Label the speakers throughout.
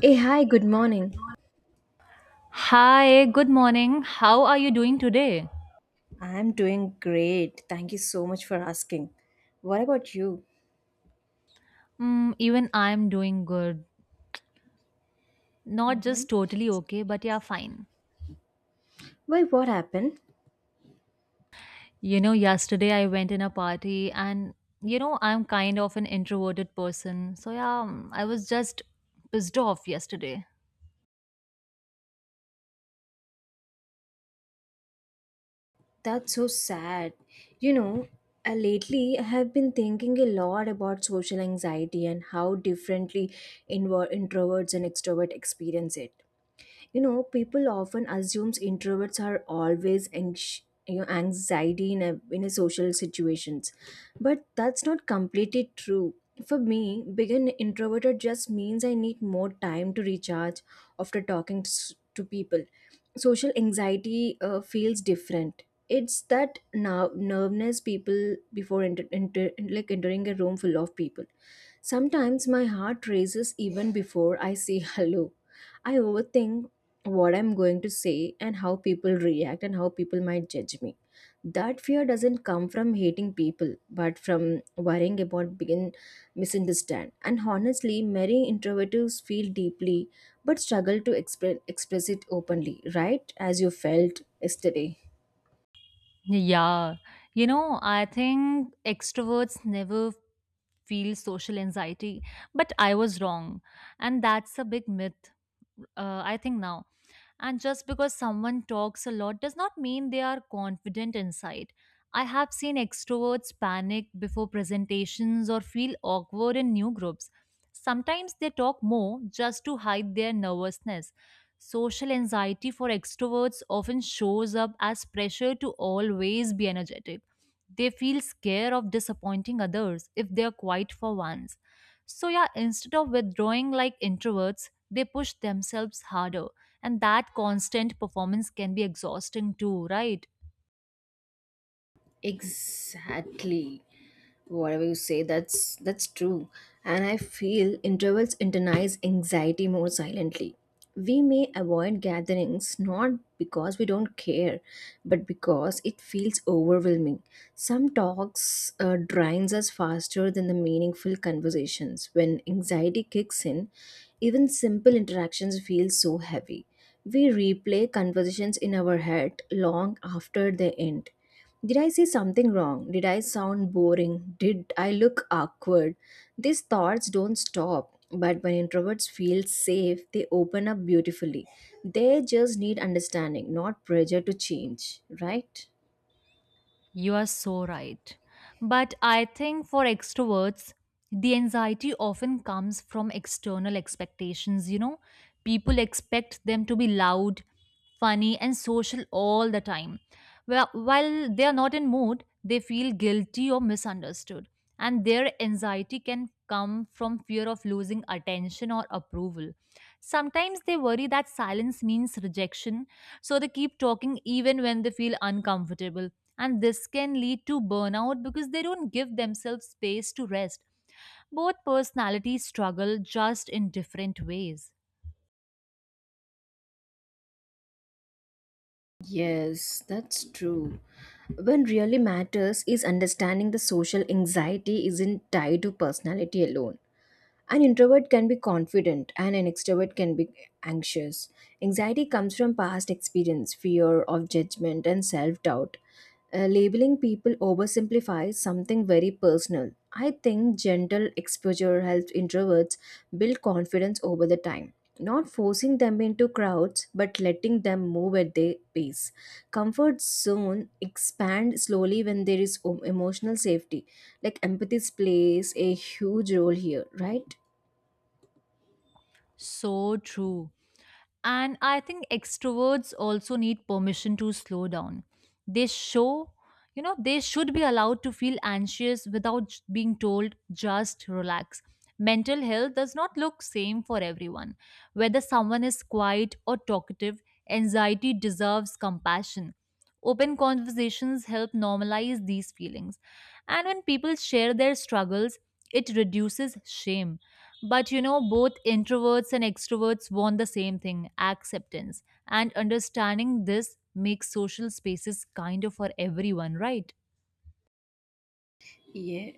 Speaker 1: Hey, hi, good morning.
Speaker 2: Hi, good morning. How are you doing today?
Speaker 1: I'm doing great. Thank you so much for asking. What about you?
Speaker 2: Mm, even I'm doing good. Not just totally okay, but yeah, fine.
Speaker 1: Why, what happened?
Speaker 2: You know, yesterday I went in a party and you know, I'm kind of an introverted person. So yeah, I was just pissed off yesterday.
Speaker 1: That's so sad. You know, Lately I have been thinking a lot about social anxiety and how differently introverts and extroverts experience it. You know people often assumes introverts are always anxiety in a social situations, but that's not completely true. For me, being an introverted just means I need more time to recharge after talking to people. Social anxiety feels different. It's that now nervousness people before enter, enter like entering a room full of people. Sometimes my heart races even before I say hello. I overthink what I'm going to say and how people react and how people might judge me. That fear doesn't come from hating people but from worrying about being misunderstood, and honestly many introverts feel deeply but struggle to express it openly, right, as you felt yesterday.
Speaker 2: Yeah. You know, I think extroverts never feel social anxiety, but I was wrong. And that's a big myth, I think now. And just because someone talks a lot does not mean they are confident inside. I have seen extroverts panic before presentations or feel awkward in new groups. Sometimes they talk more just to hide their nervousness. Social anxiety for extroverts often shows up as pressure to always be energetic. They feel scared of disappointing others if they are quiet for once. So, yeah, instead of withdrawing like introverts, they push themselves harder and that constant performance can be exhausting too, right?
Speaker 1: Exactly. Whatever you say, that's true. And I feel introverts internalize anxiety more silently. We may avoid gatherings not because we don't care but because it feels overwhelming. Some talks drains us faster than the meaningful conversations. When anxiety kicks in, even simple interactions feel so heavy. We replay conversations in our head long after they end. Did I say something wrong? Did I sound boring? Did I look awkward? These thoughts don't stop, but when introverts feel safe, they open up beautifully. They just need understanding, not pressure to change, right?
Speaker 2: You are so right. But I think for extroverts, the anxiety often comes from external expectations. You know, people expect them to be loud, funny, and social all the time. Well, while they are not in mood, they feel guilty or misunderstood. And their anxiety can come from fear of losing attention or approval. Sometimes they worry that silence means rejection, so they keep talking even when they feel uncomfortable and this can lead to burnout because they don't give themselves space to rest. Both personalities struggle just in different ways.
Speaker 1: Yes, that's true. When really matters is understanding the social anxiety isn't tied to personality alone. An introvert can be confident and an extrovert can be anxious. Anxiety comes from past experience, fear of judgment, and self doubt. Labeling people oversimplifies something very personal. I think gentle exposure helps introverts build confidence over the time. Not forcing them into crowds, but letting them move at their pace. Comfort zone expand slowly when there is emotional safety. Like empathy plays a huge role here, right?
Speaker 2: So true. And I think extroverts also need permission to slow down. They show, you know, they should be allowed to feel anxious without being told just relax. Mental health does not look same for everyone. Whether someone is quiet or talkative, anxiety deserves compassion. Open conversations help normalize these feelings. And when people share their struggles, it reduces shame. But you know, both introverts and extroverts want the same thing acceptance. And understanding this makes social spaces kinder for everyone, right?
Speaker 1: Yeah,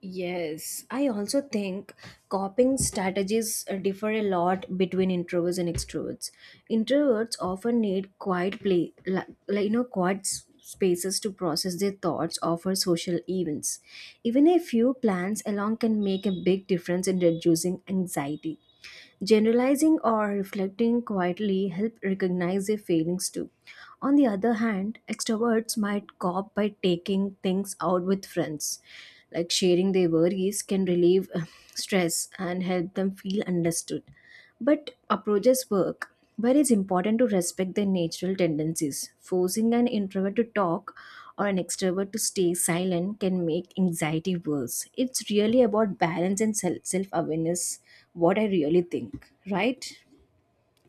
Speaker 1: yes. I also think coping strategies differ a lot between introverts and extroverts. Introverts often need quiet play, quiet spaces to process their thoughts over social events. Even a few plans along can make a big difference in reducing anxiety. Generalizing or reflecting quietly help recognize their feelings too. On the other hand, extroverts might cope by taking things out with friends. Like sharing their worries can relieve stress and help them feel understood. But approaches work, where it's important to respect their natural tendencies. Forcing an introvert to talk or an extrovert to stay silent can make anxiety worse. It's really about balance and self awareness, what I really think, right?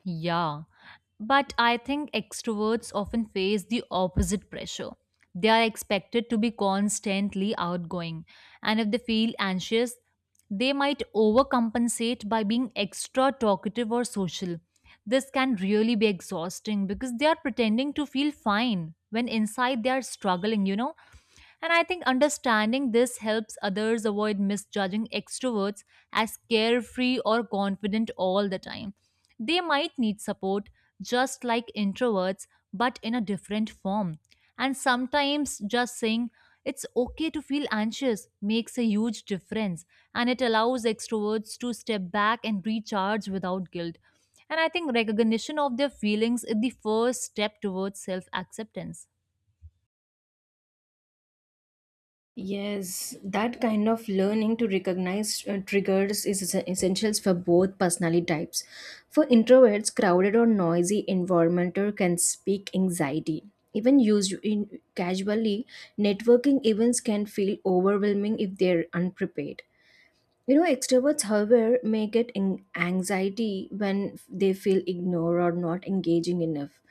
Speaker 2: Yeah, but I think extroverts often face the opposite pressure. They are expected to be constantly outgoing, and if they feel anxious, they might overcompensate by being extra talkative or social. This can really be exhausting because they are pretending to feel fine when inside they are struggling, you know. And I think understanding this helps others avoid misjudging extroverts as carefree or confident all the time. They might need support just like introverts, but in a different form. And sometimes just saying, it's okay to feel anxious makes a huge difference and it allows extroverts to step back and recharge without guilt. And I think recognition of their feelings is the first step towards self acceptance.
Speaker 1: Yes, that kind of learning to recognize triggers is essential for both personality types. For introverts, crowded or noisy environment can speak anxiety. Even used in casually, networking events can feel overwhelming if they're unprepared. You know, extroverts, however, may get anxiety when they feel ignored or not engaging enough.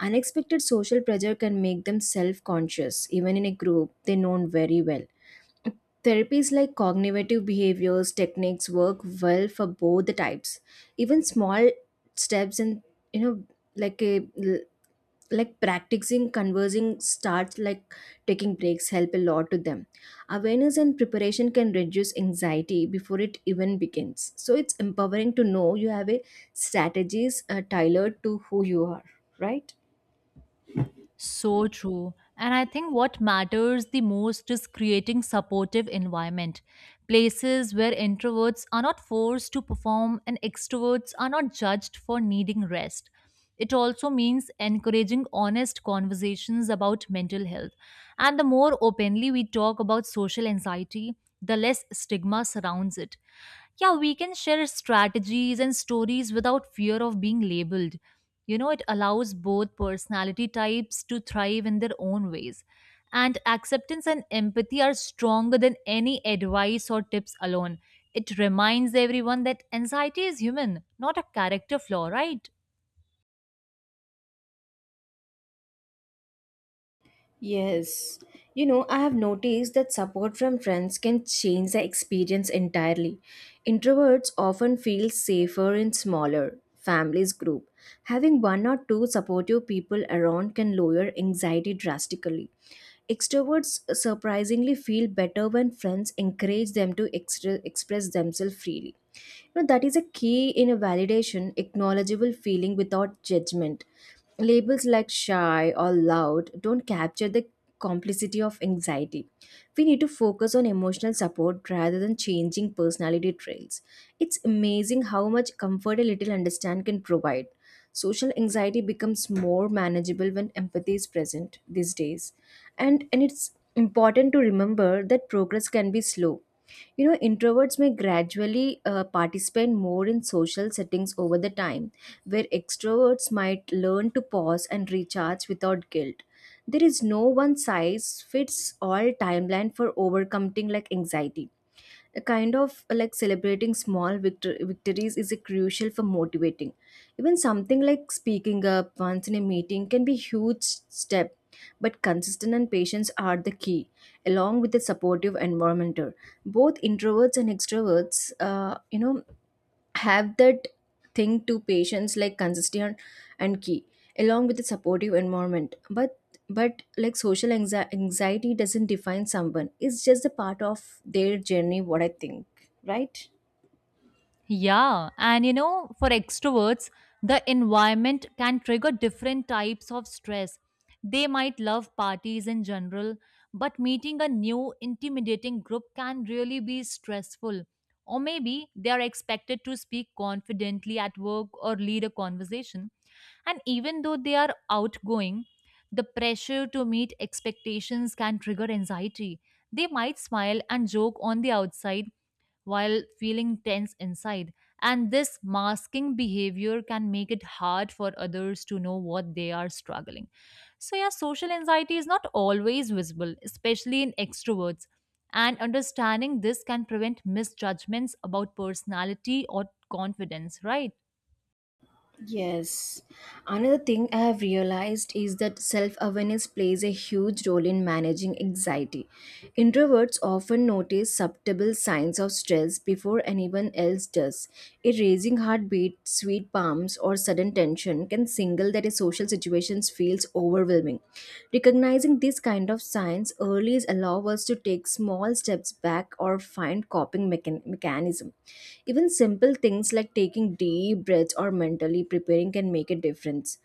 Speaker 1: Unexpected social pressure can make them self conscious, even in a group they know very well. Therapies like cognitive behaviors techniques work well for both the types. Even small steps in, you know, like a like practicing conversing starts like taking breaks help a lot to them. Awareness and preparation can reduce anxiety before it even begins, so it's empowering to know you have a strategies tailored to who you are, right?
Speaker 2: So true. And I think what matters the most is creating supportive environment. Places where introverts are not forced to perform and extroverts are not judged for needing rest. It also means encouraging honest conversations about mental health. And the more openly we talk about social anxiety, the less stigma surrounds it. Yeah, we can share strategies and stories without fear of being labeled. You know, it allows both personality types to thrive in their own ways. And acceptance and empathy are stronger than any advice or tips alone. It reminds everyone that anxiety is human, not a character flaw, right?
Speaker 1: Yes. You know, I have noticed that support from friends can change the experience entirely. Introverts often feel safer in smaller families group. Having one or two supportive people around can lower anxiety drastically. Extroverts surprisingly feel better when friends encourage them to express themselves freely. You know, that is a key in a validation, acknowledgeable feeling without judgment. Labels like shy or loud don't capture the complicity of anxiety. We need to focus on emotional support rather than changing personality traits. It's amazing how much comfort a little understand can provide. Social anxiety becomes more manageable when empathy is present these days. And it's important to remember that progress can be slow. You know, introverts may gradually participate more in social settings over the time, where extroverts might learn to pause and recharge without guilt. There is no one size fits all timeline for overcoming like anxiety. A kind of like celebrating small victories is a crucial for motivating. Even something like speaking up once in a meeting can be huge step, but consistent and patience are the key, along with a supportive environment. Both introverts and extroverts, have that thing to patients like consistent and key along with a supportive environment, but like social anxiety doesn't define someone. It's just a part of their journey, what I think, right?
Speaker 2: Yeah, and you know, for extroverts, the environment can trigger different types of stress. They might love parties in general, but meeting a new intimidating group can really be stressful. Or maybe they are expected to speak confidently at work or lead a conversation. And even though they are outgoing, the pressure to meet expectations can trigger anxiety. They might smile and joke on the outside while feeling tense inside. And this masking behavior can make it hard for others to know what they are struggling. So, yeah, social anxiety is not always visible, especially in extroverts. And understanding this can prevent misjudgments about personality or confidence, right?
Speaker 1: Yes. Another thing I have realized is that self awareness plays a huge role in managing anxiety. Introverts often notice subtle signs of stress before anyone else does. A raising heartbeat, sweet palms, or sudden tension can signal that a social situation feels overwhelming. Recognizing these kind of signs early allows us to take small steps back or find coping mechanism. Even simple things like taking deep breaths or mentally preparing can make a difference.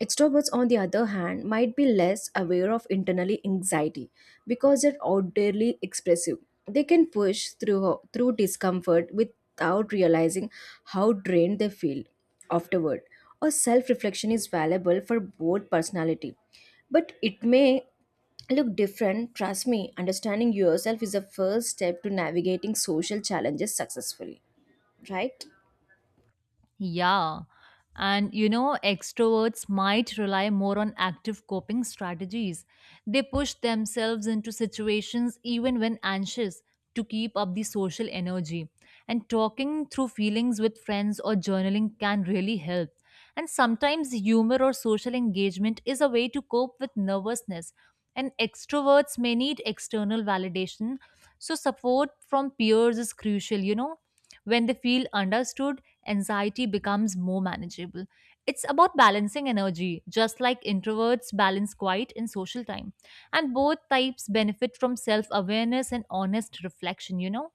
Speaker 1: Extroverts, on the other hand, might be less aware of internally anxiety because they're outwardly expressive. They can push through discomfort without realizing how drained they feel afterward. Or self-reflection is valuable for both personality, but it may look different. Trust me, understanding yourself is the first step to navigating social challenges successfully, right?
Speaker 2: Yeah. And you know, extroverts might rely more on active coping strategies. They push themselves into situations even when anxious to keep up the social energy. And talking through feelings with friends or journaling can really help. And sometimes humor or social engagement is a way to cope with nervousness. And extroverts may need external validation. So, support from peers is crucial, you know. When they feel understood, anxiety becomes more manageable. It's about balancing energy, just like introverts balance quiet and social time. And both types benefit from self awareness and honest reflection, you know?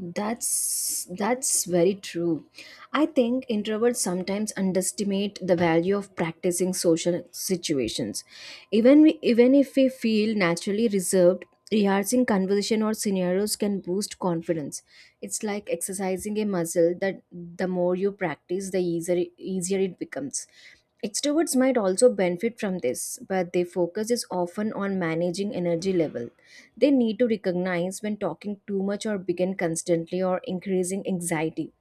Speaker 1: That's very true. I think introverts sometimes underestimate the value of practicing social situations. Even we, even if we feel naturally reserved, rehearsing conversation or scenarios can boost confidence. It's like exercising a muscle that the more you practice, the easier it becomes. Extroverts might also benefit from this, but their focus is often on managing energy level. They need to recognize when talking too much or begin constantly or increasing anxiety.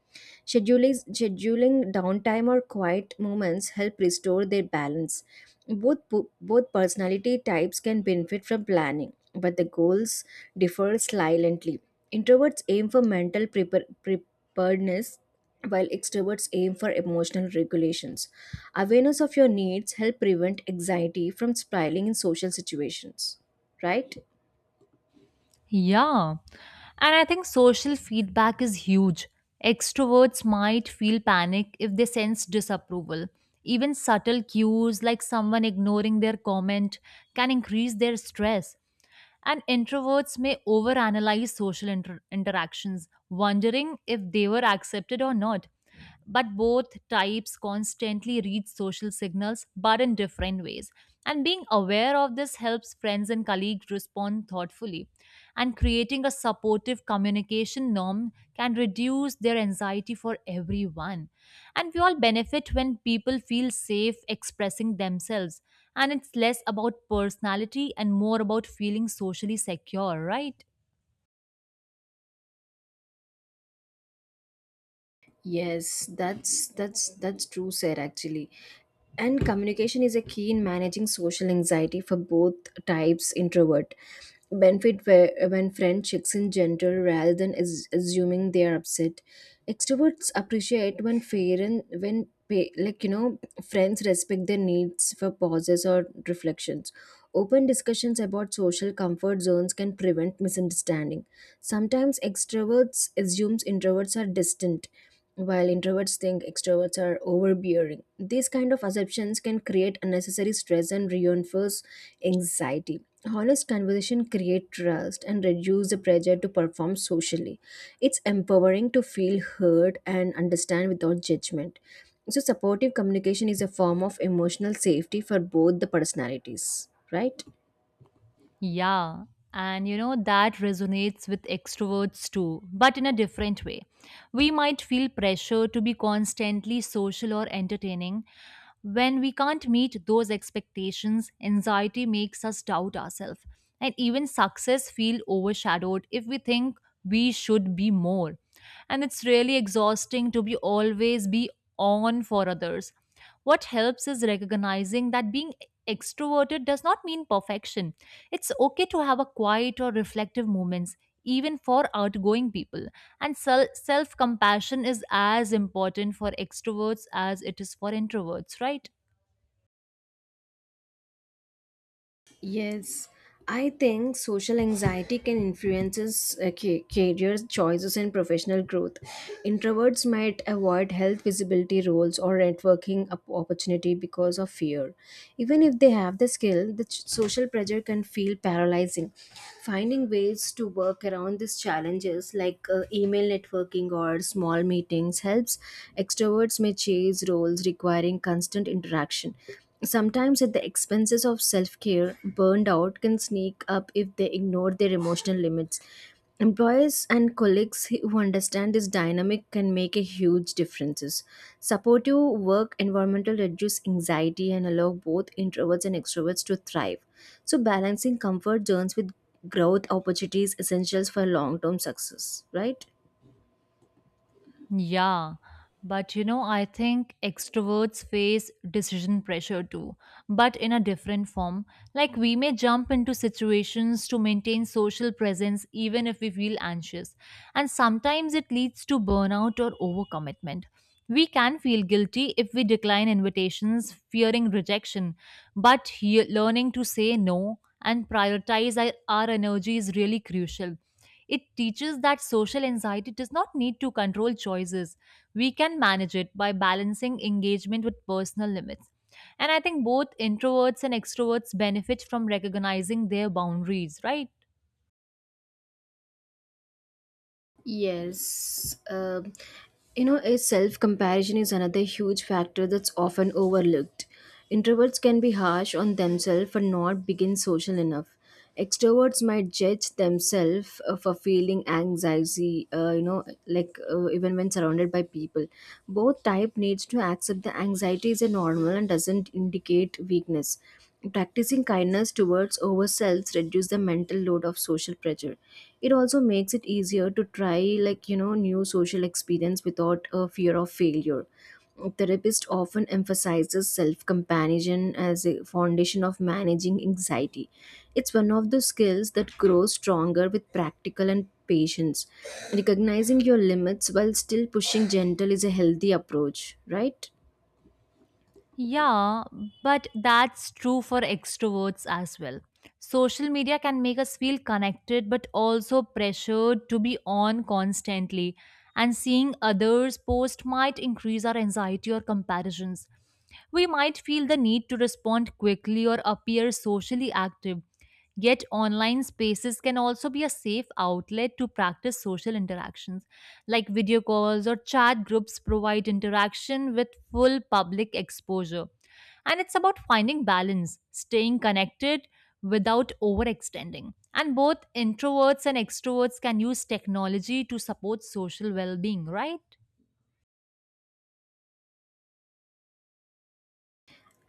Speaker 1: Scheduling downtime or quiet moments help restore their balance. Both, both personality types can benefit from planning, but the goals differ slightly. Introverts aim for mental preparedness, while extroverts aim for emotional regulations. Awareness of your needs help prevent anxiety from spiraling in social situations, right?
Speaker 2: Yeah. And I think social feedback is huge. Extroverts might feel panic if they sense disapproval. Even subtle cues like someone ignoring their comment can increase their stress. And introverts may overanalyze social interactions, wondering if they were accepted or not. But both types constantly read social signals, but in different ways. And being aware of this helps friends and colleagues respond thoughtfully. And creating a supportive communication norm can reduce their anxiety for everyone. And we all benefit when people feel safe expressing themselves. And it's less about personality and more about feeling socially secure, right?
Speaker 1: Yes, that's true, sir, actually. And communication is a key in managing social anxiety for both types introvert. Benefit where, when friend checks in gentle rather than is, assuming they are upset. Extroverts appreciate when fair and when friends respect their needs for pauses or reflections. Open discussions about social comfort zones can prevent misunderstanding. Sometimes extroverts assumes introverts are distant while introverts think extroverts are overbearing. These kind of assumptions can create unnecessary stress and reinforce anxiety. Honest conversation create trust and reduce the pressure to perform socially. It's empowering to feel heard and understand without judgment. So supportive communication is a form of emotional safety for both the personalities, right?
Speaker 2: Yeah, and you know, that resonates with extroverts too, but in a different way. We might feel pressure to be constantly social or entertaining, when we can't meet those expectations, anxiety makes us doubt ourselves. And even success feel overshadowed if we think we should be more. And it's really exhausting to be always be on for others. What helps is recognizing that being extroverted does not mean perfection. It's okay to have a quiet or reflective moments even for outgoing people and self compassion is as important for extroverts as it is for introverts, right?
Speaker 1: Yes, I think social anxiety can influence us, career choices and professional growth. Introverts might avoid health visibility roles or networking opportunity because of fear. Even if they have the skill, the social pressure can feel paralyzing. Finding ways to work around these challenges, like email networking or small meetings, helps. Extroverts may chase roles requiring constant interaction. Sometimes, at the expenses of self care, burned out can sneak up if they ignore their emotional limits. Employers and colleagues who understand this dynamic can make a huge differences. Supportive work environmental reduce anxiety and allow both introverts and extroverts to thrive. So balancing comfort zones with growth opportunities essentials for long-term success, right?
Speaker 2: Yeah, but you know, I think extroverts face decision pressure too, but in a different form. Like, we may jump into situations to maintain social presence even if we feel anxious, and sometimes it leads to burnout or overcommitment. We can feel guilty if we decline invitations, fearing rejection, but learning to say no and prioritize our energy is really crucial. It teaches that social anxiety does not need to control choices. We can manage it by balancing engagement with personal limits. And I think both introverts and extroverts benefit from recognizing their boundaries, right?
Speaker 1: Yes. You know, a self comparison is another huge factor that's often overlooked. Introverts can be harsh on themselves for not being social enough. Extroverts might judge themselves for feeling anxiety, even when surrounded by people. Both type needs to accept the anxiety is a normal and doesn't indicate weakness. Practicing kindness towards ourselves reduces the mental load of social pressure. It also makes it easier to try new social experience without a fear of failure. Therapist often emphasizes self-comparison as a foundation of managing anxiety. It's one of the skills that grows stronger with practical and patience. Recognizing your limits while still pushing gentle is a healthy approach, right?
Speaker 2: Yeah, but that's true for extroverts as well. Social media can make us feel connected but also pressured to be on constantly. And seeing others post might increase our anxiety or comparisons. We might feel the need to respond quickly or appear socially active. Yet, online spaces can also be a safe outlet to practice social interactions, like video calls or chat groups provide interaction with full public exposure. And it's about finding balance, staying connected without overextending. And both introverts and extroverts can use technology to support social well being, right?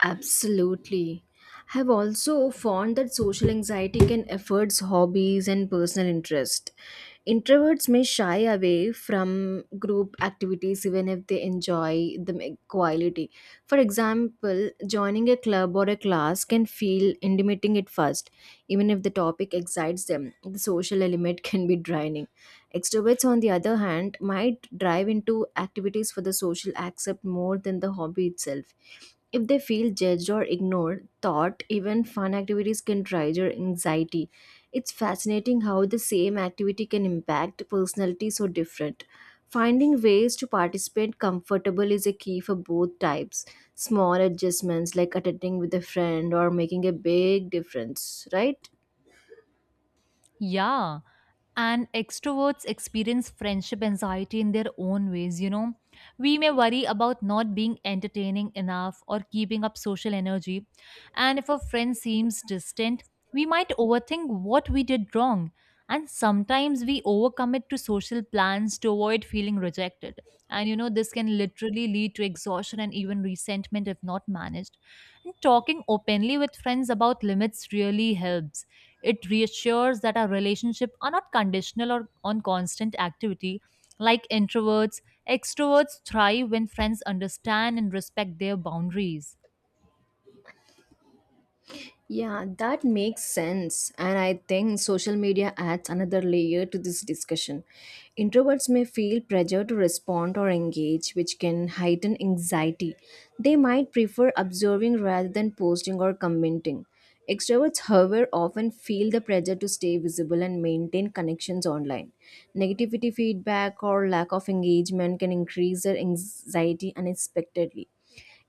Speaker 1: Absolutely. I've also found that social anxiety can affect hobbies and personal interest. Introverts may shy away from group activities even if they enjoy them equality. For example, joining a club or a class can feel intimidating at first, even if the topic excites them. The social element can be draining. Extroverts, on the other hand, might drive into activities for the social accept more than the hobby itself if they feel judged or ignored, thought even fun activities can trigger anxiety. It's fascinating how the same activity can impact personality so different. Finding ways to participate comfortable is a key for both types. Small adjustments like attending with a friend or making a big difference, right?
Speaker 2: Yeah. And extroverts experience friendship anxiety in their own ways, you know, we may worry about not being entertaining enough or keeping up social energy and if a friend seems distant, we might overthink what we did wrong. And sometimes we overcommit to social plans to avoid feeling rejected. And you know, this can literally lead to exhaustion and even resentment if not managed. And talking openly with friends about limits really helps. It reassures that our relationship are not conditional or on constant activity. Like introverts, extroverts thrive when friends understand and respect their boundaries.
Speaker 1: Yeah, that makes sense. And I think social media adds another layer to this discussion. Introverts may feel pressure to respond or engage, which can heighten anxiety. They might prefer observing rather than posting or commenting. Extroverts, however, often feel the pressure to stay visible and maintain connections online. Negativity feedback or lack of engagement can increase their anxiety unexpectedly.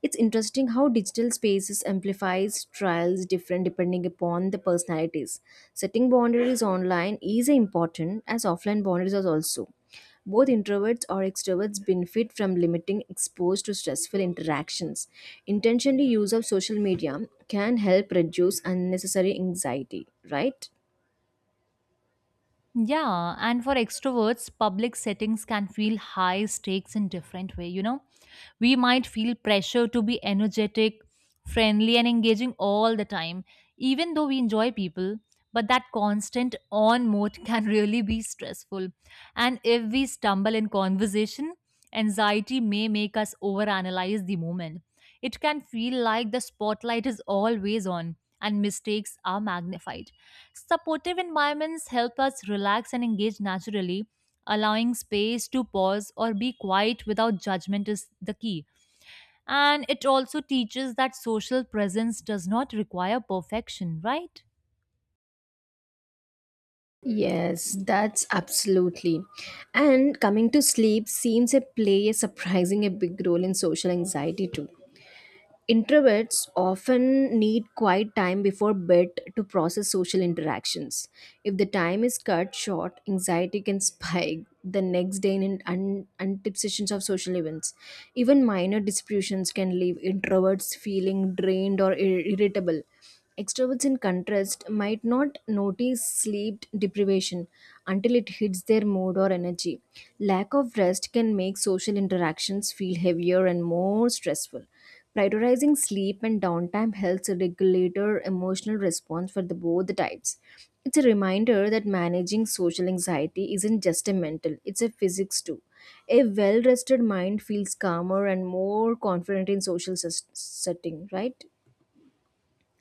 Speaker 1: It's interesting how digital spaces amplifies trials different depending upon the personalities. Setting boundaries online is important as offline boundaries are also. Both introverts or extroverts benefit from limiting exposed to stressful interactions. Intentionally use of social media can help reduce unnecessary anxiety, right?
Speaker 2: Yeah, and for extroverts, public settings can feel high stakes in different way, you know, we might feel pressure to be energetic, friendly, and engaging all the time, even though we enjoy people. But that constant on mode can really be stressful. And if we stumble in conversation, anxiety may make us overanalyze the moment. It can feel like the spotlight is always on and mistakes are magnified. Supportive environments help us relax and engage naturally. Allowing space to pause or be quiet without judgment is the key. And it also teaches that social presence does not require perfection, right?
Speaker 1: Yes, that's absolutely. And coming to sleep seems to play a surprising a big role in social anxiety too. Introverts often need quiet time before bed to process social interactions. If the time is cut short, anxiety can spike the next day in anticipations of social events. Even minor disputes can leave introverts feeling drained or irritable. Extroverts, in contrast, might not notice sleep deprivation until it hits their mood or energy. Lack of rest can make social interactions feel heavier and more stressful. Prioritizing sleep and downtime helps regulate our emotional response for the both the types. It's a reminder that managing social anxiety isn't just a mental, it's a physics too. A well rested mind feels calmer and more confident in social setting, right?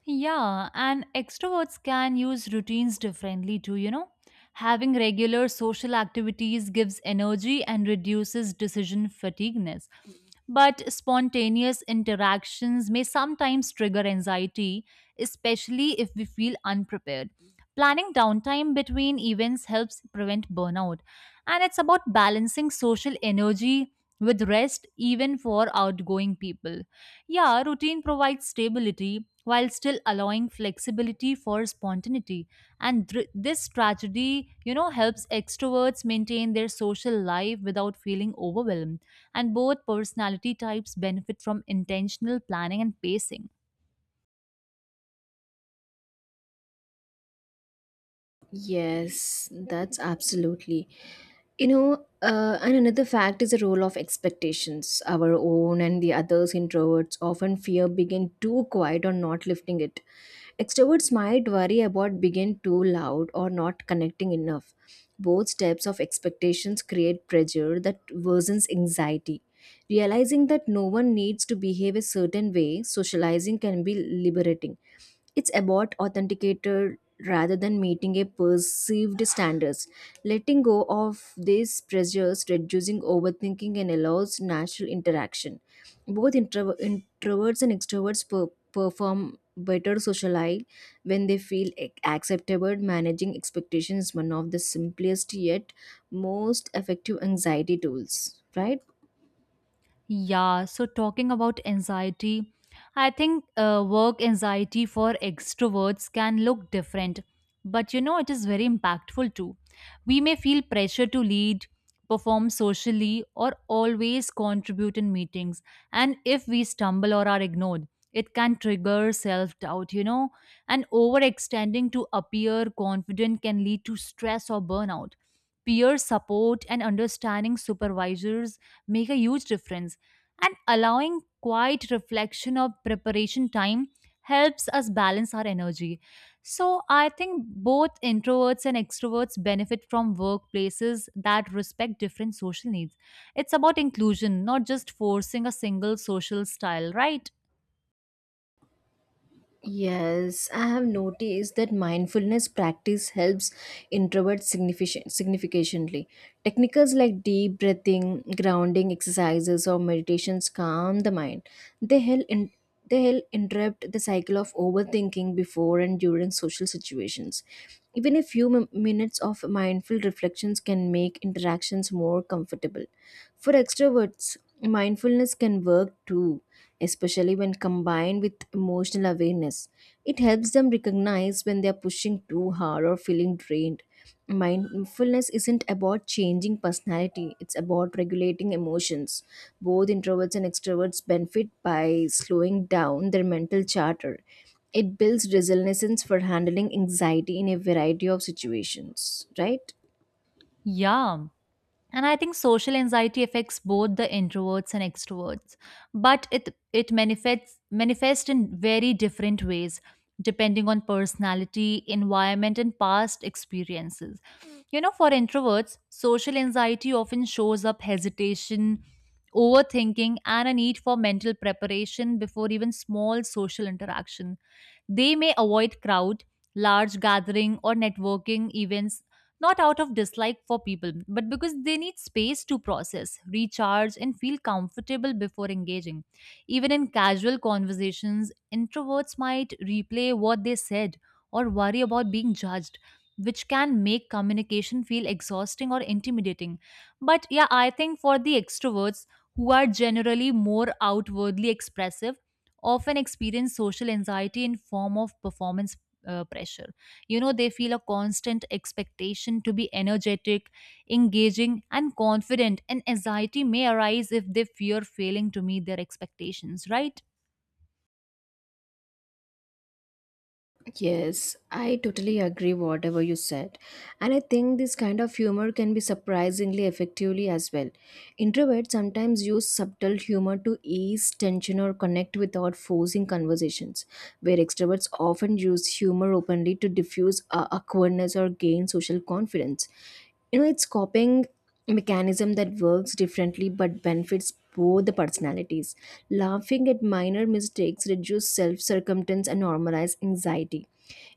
Speaker 2: Yeah, and extroverts can use routines differently too, you know. Having regular social activities gives energy and reduces decision fatigueness. But spontaneous interactions may sometimes trigger anxiety, especially if we feel unprepared. Planning downtime between events helps prevent burnout. And it's about balancing social energy with rest, even for outgoing people. Yeah, routine provides stability, while still allowing flexibility for spontaneity and this strategy, you know, helps extroverts maintain their social life without feeling overwhelmed and both personality types benefit from intentional planning and pacing.
Speaker 1: Yes, that's absolutely. And another fact is the role of expectations. Our own and the others' introverts often fear being too quiet or not lifting it. Extroverts might worry about being too loud or not connecting enough. Both types of expectations create pressure that worsens anxiety. Realizing that no one needs to behave a certain way, socializing can be liberating. It's about authenticated rather than meeting a perceived standards. Letting go of these pressures, reducing overthinking, and allows natural interaction. Both introverts and extroverts perform better socially when they feel acceptable. Managing expectations is one of the simplest yet most effective anxiety tools, right?
Speaker 2: Yeah, so talking about anxiety, I think work anxiety for extroverts can look different, but you know, it is very impactful too. We may feel pressure to lead, perform socially, or always contribute in meetings. And if we stumble or are ignored, it can trigger self doubt, you know, and overextending to appear confident can lead to stress or burnout. Peer support and understanding supervisors make a huge difference and allowing quiet reflection or preparation time helps us balance our energy. So, I think both introverts and extroverts benefit from workplaces that respect different social needs. It's about inclusion, not just forcing a single social style, right?
Speaker 1: Yes, I have noticed that mindfulness practice helps introverts significantly. Techniques like deep breathing, grounding exercises, or meditations calm the mind. They help in, they help interrupt the cycle of overthinking before and during social situations. Even a few minutes of mindful reflections can make interactions more comfortable. For extroverts, mindfulness can work too, especially when combined with emotional awareness. It helps them recognize when they are pushing too hard or feeling drained. Mindfulness isn't about changing personality, it's about regulating emotions. Both introverts and extroverts benefit by slowing down their mental charter. It builds resilience for handling anxiety in a variety of situations, right?
Speaker 2: Yeah. And I think social anxiety affects both the introverts and extroverts, but it manifests in very different ways depending on personality, environment and past experiences. You know, for introverts, social anxiety often shows up hesitation, overthinking and a need for mental preparation before even small social interaction. They may avoid crowd, large gathering or networking events not out of dislike for people, but because they need space to process, recharge, and feel comfortable before engaging. Even in casual conversations, introverts might replay what they said or worry about being judged, which can make communication feel exhausting or intimidating. But yeah, I think for the extroverts who are generally more outwardly expressive, often experience social anxiety in form of performance pressure, you know, they feel a constant expectation to be energetic, engaging, and confident, and anxiety may arise if they fear failing to meet their expectations, right?
Speaker 1: Yes, I totally agree whatever you said. And I think this kind of humor can be surprisingly effectively as well. Introverts sometimes use subtle humor to ease tension or connect without forcing conversations, where extroverts often use humor openly to diffuse awkwardness or gain social confidence. You know, it's copying mechanism that works differently but benefits both the personalities. Laughing at minor mistakes reduces self circumstance and normalizes anxiety.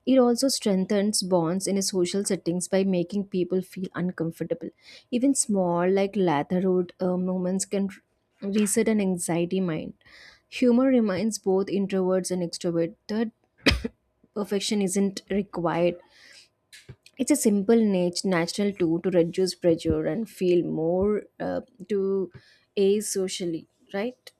Speaker 1: It also strengthens bonds in social settings by making people feel uncomfortable. Even small, like latherhood moments, can reset an anxiety mind. Humor reminds both introverts and extroverts that perfection isn't required, it's a simple natural tool to reduce pressure and feel more to a socially right.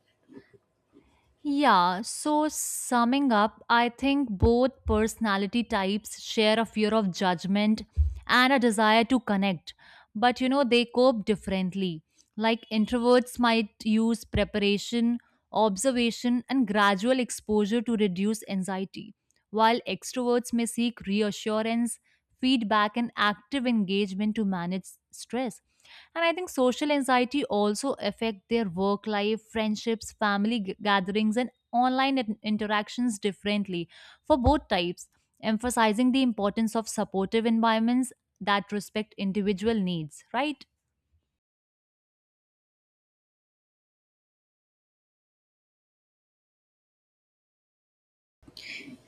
Speaker 2: Yeah, so summing up, I think both personality types share a fear of judgment and a desire to connect, but you know, they cope differently. Like introverts might use preparation, observation, and gradual exposure to reduce anxiety, while extroverts may seek reassurance, feedback, and active engagement to manage stress and I think social anxiety also affect their work life, friendships, family gatherings and online interactions differently for both types, emphasizing the importance of supportive environments that respect individual needs, right?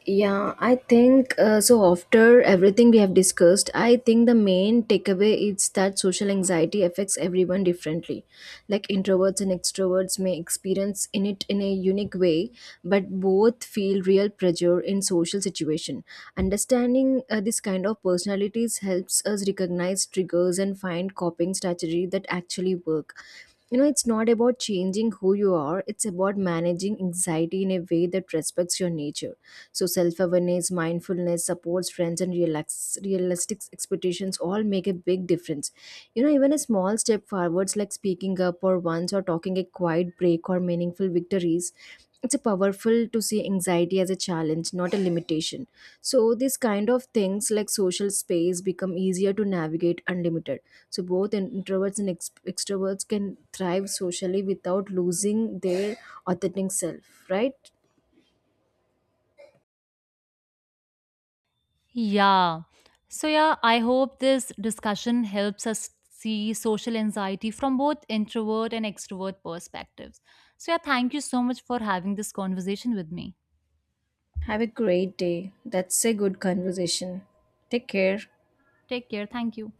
Speaker 1: Yeah, I think After everything we have discussed, I think the main takeaway is that social anxiety affects everyone differently. Like introverts and extroverts may experience in it in a unique way, but both feel real pressure in social situation. Understanding this kind of personalities helps us recognize triggers and find coping strategy that actually work. You know, it's not about changing who you are, it's about managing anxiety in a way that respects your nature. So self-awareness, mindfulness, supports friends and relax, realistic expectations all make a big difference. You know, even a small step forwards like speaking up or once or talking a quiet break or meaningful victories, it's a powerful to see anxiety as a challenge not a limitation. So these kind of things like social space become easier to navigate unlimited. So both introverts and extroverts can thrive socially without losing their authentic self, right?
Speaker 2: Yeah, so yeah, I hope this discussion helps us see social anxiety from both introvert and extrovert perspectives. So yeah, thank you so much for having this conversation with me.
Speaker 1: Have a great day. That's a good conversation. Take care.
Speaker 2: Take care, thank you.